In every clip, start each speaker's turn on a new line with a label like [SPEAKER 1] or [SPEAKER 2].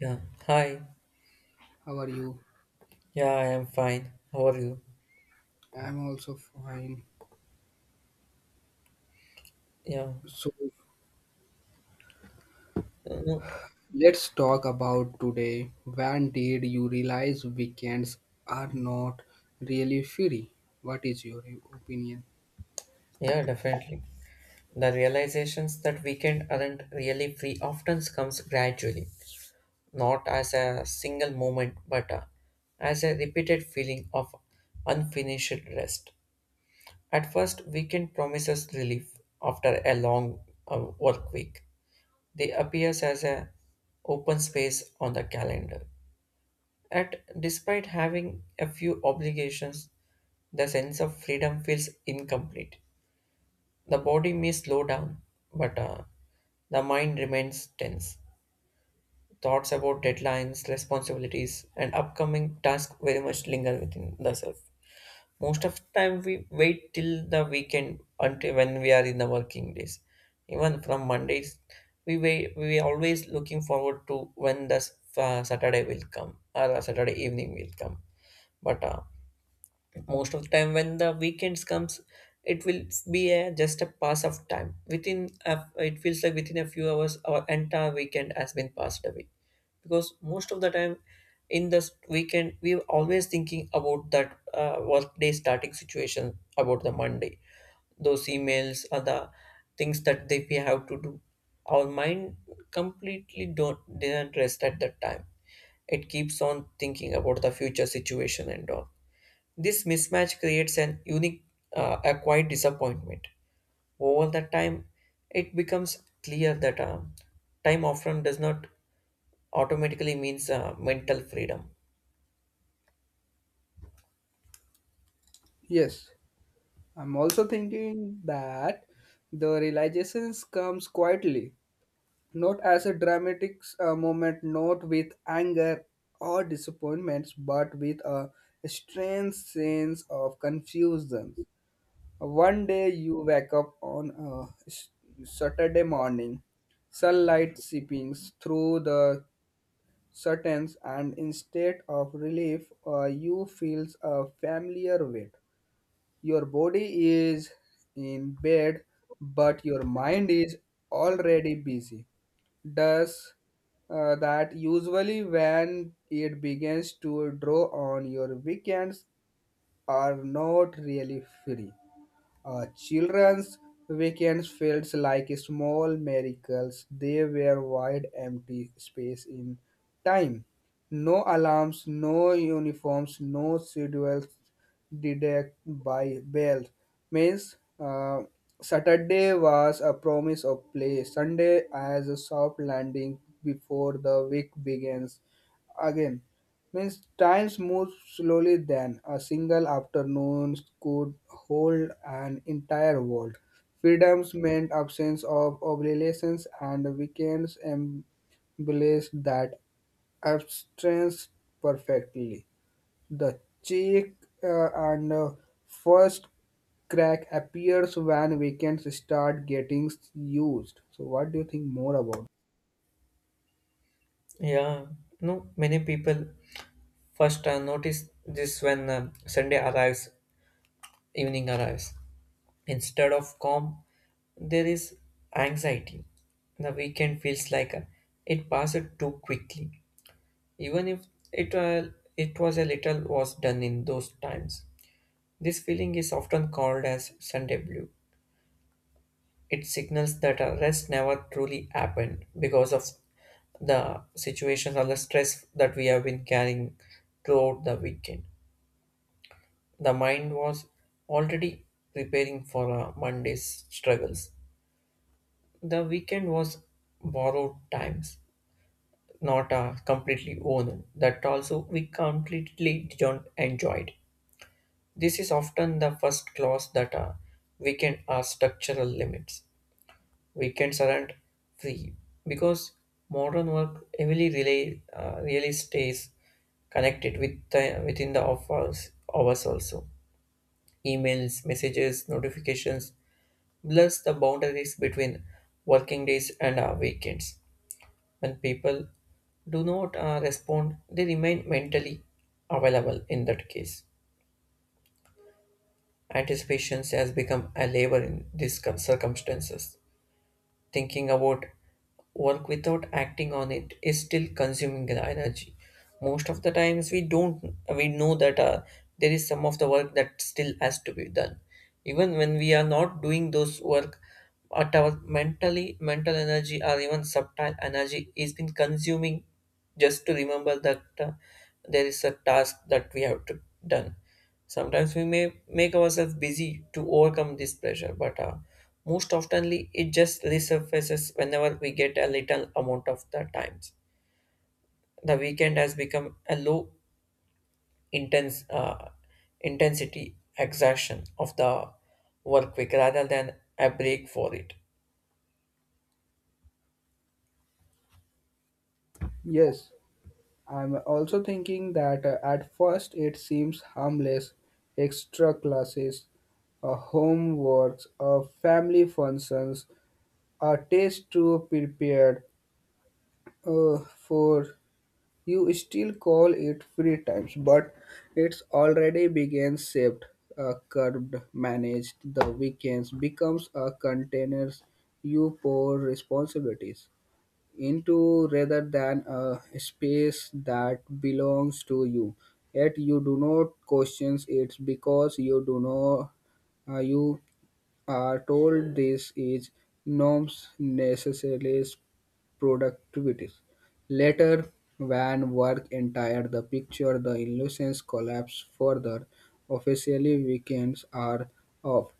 [SPEAKER 1] Yeah. Hi.
[SPEAKER 2] How are you?
[SPEAKER 1] Yeah, I am fine. How are you?
[SPEAKER 2] I'm also fine.
[SPEAKER 1] Yeah.
[SPEAKER 2] So
[SPEAKER 1] Mhm.
[SPEAKER 2] let's talk about today. When did you realize weekends are not really free? What is your opinion?
[SPEAKER 1] Yeah, definitely. The realizations that weekend aren't really free often comes gradually, not as a single moment, but as a repeated feeling of unfinished rest. At first, weekend promises relief after a long work week. They appears as a open space on the calendar at despite having a few obligations, the sense of freedom feels incomplete. The body may slow down, but the mind remains tense. Thoughts about deadlines, responsibilities, and upcoming tasks very much linger within the self. Most of the time, we wait till the weekend until when we are in the working days. Even from Mondays, we wait, we always looking forward to when the Saturday will come or Saturday evening will come. But most of the time when the weekends comes it will be a just a pass of time within a, it feels like within a few hours our entire weekend has been passed away because most of the time in this weekend we are always thinking about that work day starting situation about the monday, those emails or the things that they we have to do, our mind completely don't didn't rest at that time. It keeps on thinking about the future situation and all this mismatch creates an unique, a quiet disappointment. Over the time, it becomes clear that time often does not automatically means mental freedom.
[SPEAKER 2] Yes, I'm also thinking that the realizations comes quietly, not as a dramatic moment, not with anger or disappointments, but with a strange sense of confusion. One day you wake up on a s- Saturday morning, sunlight seeping through the curtains, and instead of relief, you feel a familiar weight. Your body is in bed, but your mind is already busy. Does that usually when it begins to draw on your weekends are not really free. Children's weekends felt like small miracles. They were wide empty space in time. No alarms, no uniforms, no schedules deducted by bells. Means Saturday was a promise of play. Sunday as a soft landing before the week begins again. Means times move slowly then. A single afternoon could hold an entire world. Freedoms meant absence of obligations and weekends embraced that absence perfectly. The cheek and first crack appears when weekends start getting used. So what do you think more about?
[SPEAKER 1] Yeah, no, many people first notice this when Sunday arrives, evening arrives. Instead of calm, there is anxiety. The weekend feels like it passed too quickly, even if it, it was a little was done in those times. This feeling is often called as Sunday blue. It signals that a rest never truly happened because of the situations or the stress that we have been carrying throughout the weekend. The mind was already preparing for Monday's struggles. The weekend was borrowed times, not completely owned. That also we completely don't enjoy it. This is often the first clause that a weekend are structural limits. Weekends aren't free because modern work heavily really, really stays connected with the, within the hours also. Emails, messages, notifications blurs the boundaries between working days and weekends. When people do not respond, they remain mentally available in that case. Anticipation has become a labor in these circumstances. Thinking about work without acting on it is still consuming the energy. Most of the times, we don't we know that there is some of the work that still has to be done. Even when we are not doing those work, at our mental energy or even subtle energy is been consuming just to remember that there is a task that we have to done. Sometimes we may make ourselves busy to overcome this pressure, but most oftenly it just resurfaces whenever we get a little amount of the times. The weekend has become a low intense intensity exertion of the work week rather than a break for it.
[SPEAKER 2] Yes. I'm also thinking that at first it seems harmless extra classes, homeworks, family functions, a test to prepare for. You still call it free times, but it's already began shaped, curbed, managed. The weekends becomes a container you pour responsibilities into rather than a space that belongs to you. Yet you do not question it because you do not you are told this is norms necessarily productivity. Later, when work entire the picture, the illusions collapse further. Officially, weekends are off.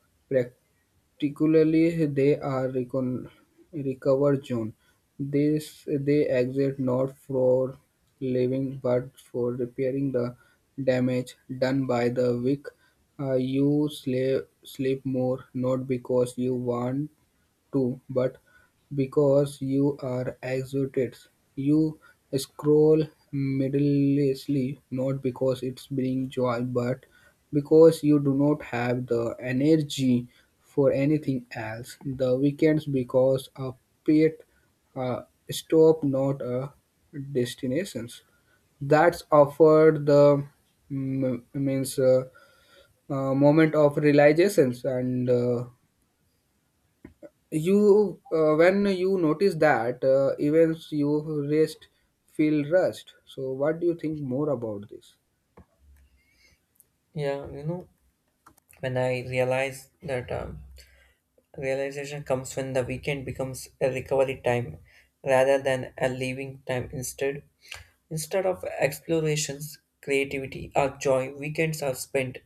[SPEAKER 2] Particularly, they are recovered zone. This they exist not for living but for repairing the damage done by the weak. You sleep, more not because you want too, but because you are exhausted, you scroll mindlessly, not because it's bringing joy, but because you do not have the energy for anything else. The weekends because a pit uh, stop, not a destinations that's offered the mm, means moment of realizations and when you notice that, events you rest feel rushed. So, what do you think more about this?
[SPEAKER 1] Yeah, you know, when I realized that. Realization comes when the weekend becomes a recovery time rather than a leaving time. Instead of explorations, creativity, or joy, weekends are spent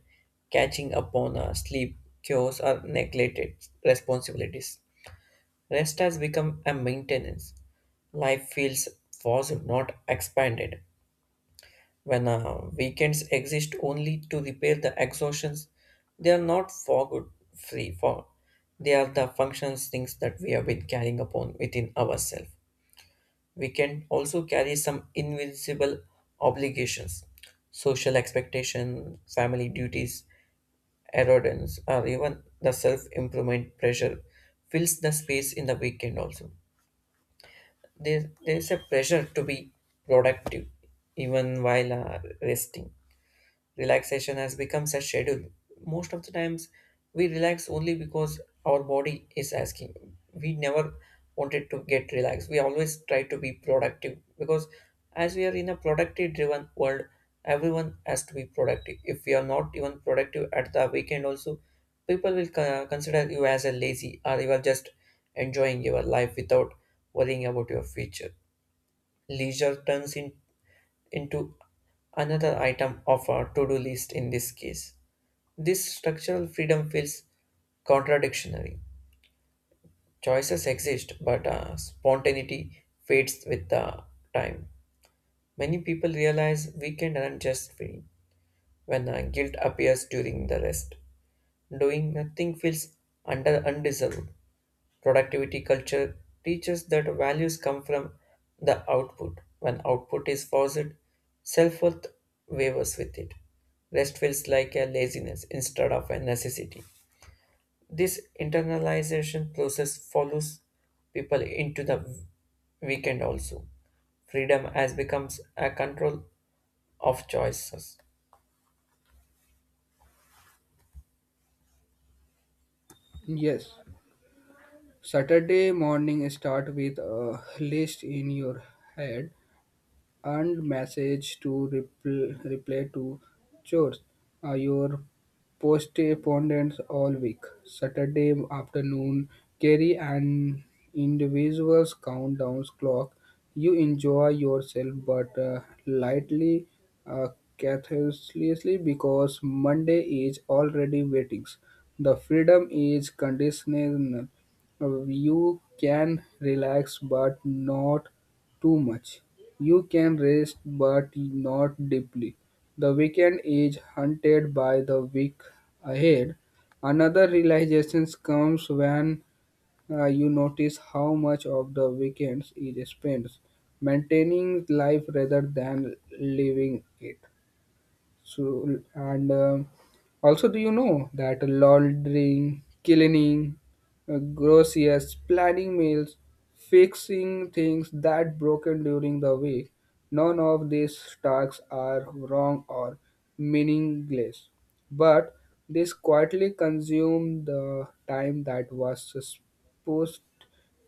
[SPEAKER 1] catching up on our sleep, chores, or neglected responsibilities. Rest has become a maintenance. Life feels forced, not expanded. When weekends exist only to repair the exhaustions, they are not for good free for. They are the functions things that we have been carrying upon within ourselves. We can also carry some invisible obligations, social expectation, family duties, erodence, or even the self-improvement pressure fills the space in the weekend also. There is a pressure to be productive even while resting relaxation has become a schedule. Most of the times, we relax only because our body is asking. We never wanted to get relaxed. We always try to be productive because as we are in a productive driven world, everyone has to be productive. If we are not even productive at the weekend, also, people will consider you as a lazy or you are just enjoying your life without worrying about your future. Leisure turns in into another item of our to-do list in this case. This structural freedom feels contradictory. Choices exist, but spontaneity fades with the time. Many people realize weekend aren't just free when guilt appears during the rest. Doing nothing feels under undeserved. Productivity culture teaches that values come from the output. When output is forced, self worth wavers with it. Rest feels like a laziness instead of a necessity. This internalization process follows people into the weekend also. Freedom has becomes a control of choices.
[SPEAKER 2] Yes, Saturday morning start with a list in your head and message to reply to chores. Your postponements all week. Saturday afternoon carry an individual's countdown clock. You enjoy yourself but lightly uh, carelessly because Monday is already waiting. The freedom is conditional. You can relax but not too much. You can rest, but not deeply. The weekend is hunted by the week ahead. Another realization comes when you notice how much of the weekend is spent maintaining life rather than living it. So, and also, do you know that laundering, cleaning, groceries, planning meals, fixing things that broken during the week, none of these tasks are wrong or meaningless, but this quietly consume the time that was supposed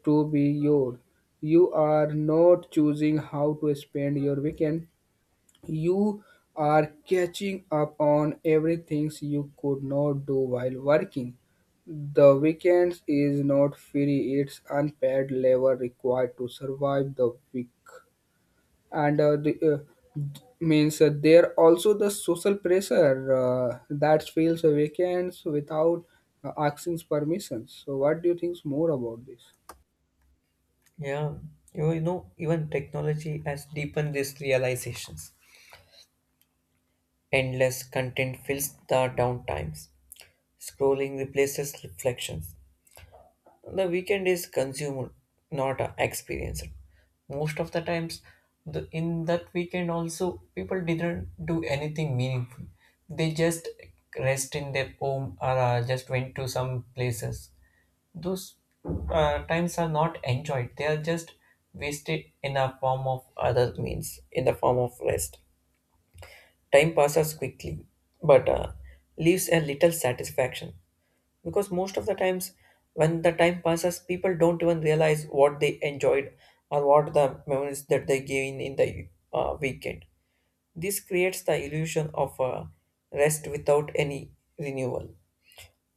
[SPEAKER 2] to be yours. You are not choosing how to spend your weekend, you are catching up on everything you could not do while working. The weekends is not free, it's unpaid labor required to survive the week. And the, d- means There also the social pressure that fills the weekends without asking permission. So what do you think more about this?
[SPEAKER 1] Yeah, you know, even technology has deepened these realizations. Endless content fills the downtimes. Scrolling replaces reflections. The weekend is consumed, not experienced. Most of the times, the, in that weekend also, people didn't do anything meaningful. They just rest in their home or just went to some places. Those times are not enjoyed. They are just wasted in a form of other means, in the form of rest. Time passes quickly, but leaves a little satisfaction because most of the times when the time passes, people don't even realize what they enjoyed or what the memories that they gain in the weekend. This creates the illusion of rest without any renewal.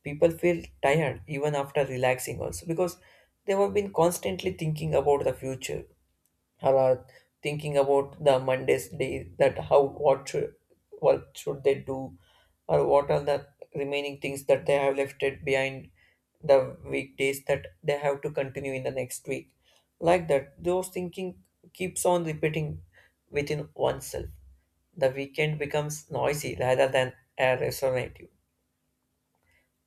[SPEAKER 1] People feel tired even after relaxing also because they have been constantly thinking about the future are thinking about the Monday's day that how what should they do or what are the remaining things that they have left it behind the weekdays that they have to continue in the next week, like that those thinking keeps on repeating within oneself. The weekend becomes noisy rather than a restorative.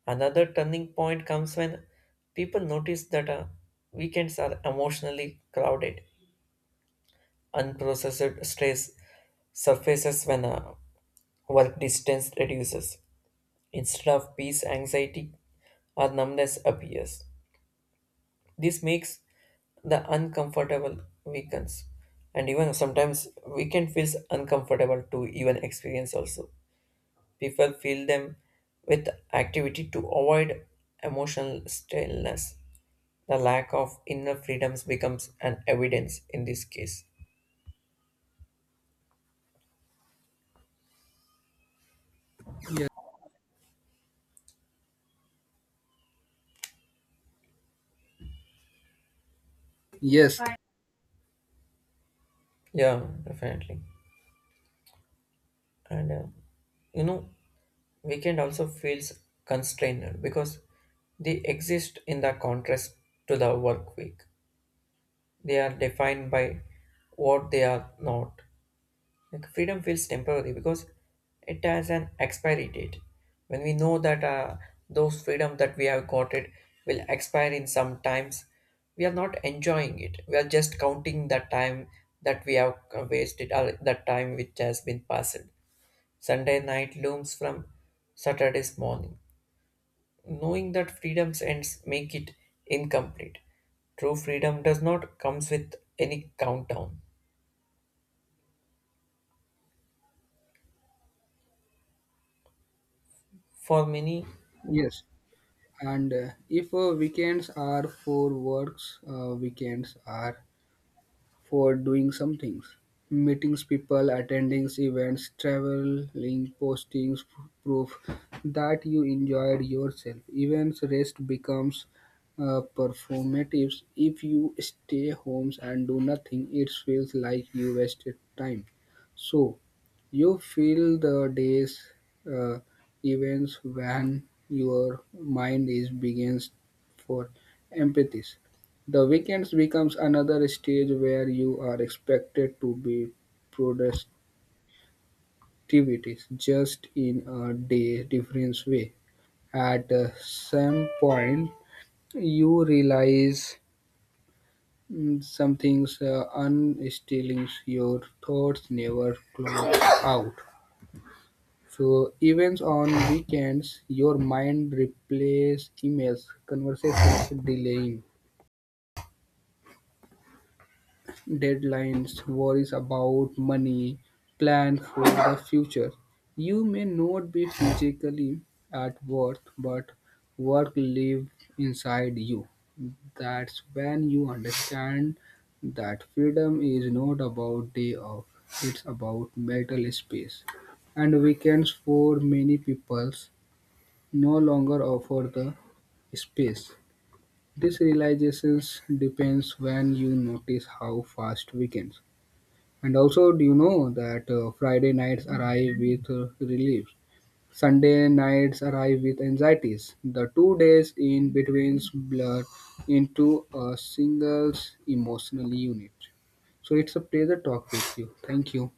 [SPEAKER 1] Another turning point comes when people notice that weekends are emotionally crowded. Unprocessed stress surfaces when work distance reduces. Instead of peace, anxiety or numbness appears. This makes the uncomfortable weakens. And even sometimes weekend feels uncomfortable to even experience also. People fill them with activity to avoid emotional stillness. The lack of inner freedoms becomes an evidence in this case.
[SPEAKER 2] Yes. Yes.
[SPEAKER 1] Yeah, definitely. And You know, weekend also feels constrained because they exist in the contrast to the work week. They are defined by what they are not, like freedom feels temporary because it has an expiry date. When we know that those freedom that we have got it will expire in some times, we are not enjoying it, we are just counting the time that we have wasted or the time which has been passed. Sunday night looms from Saturday's morning. Knowing that freedom's ends make it incomplete. True freedom does not comes with any countdown. For many,
[SPEAKER 2] Yes. And if weekends are for works, weekends are for doing some things. Meetings, people, attending events, traveling, postings proof that you enjoyed yourself. Events rest becomes performative. If you stay homes and do nothing, it feels like you wasted time. So, you feel the days uh, events when your mind is begins for empathies the weekends becomes another stage where you are expected to be productivities just in a day difference way. At some point, you realize some things unstilling your thoughts never close out. So events on weekends, your mind replaces emails, conversations delaying deadlines, worries about money, plan for the future. You may not be physically at work, but work lives inside you. That's when you understand that freedom is not about day off, it's about mental space. And weekends for many people, no longer offer the space. This realization depends when you notice how fast weekends and also, do you know that Friday nights arrive with relief, Sunday nights arrive with anxieties. The 2 days in between blur into a single emotional unit. So it's a pleasure talk with you. Thank you.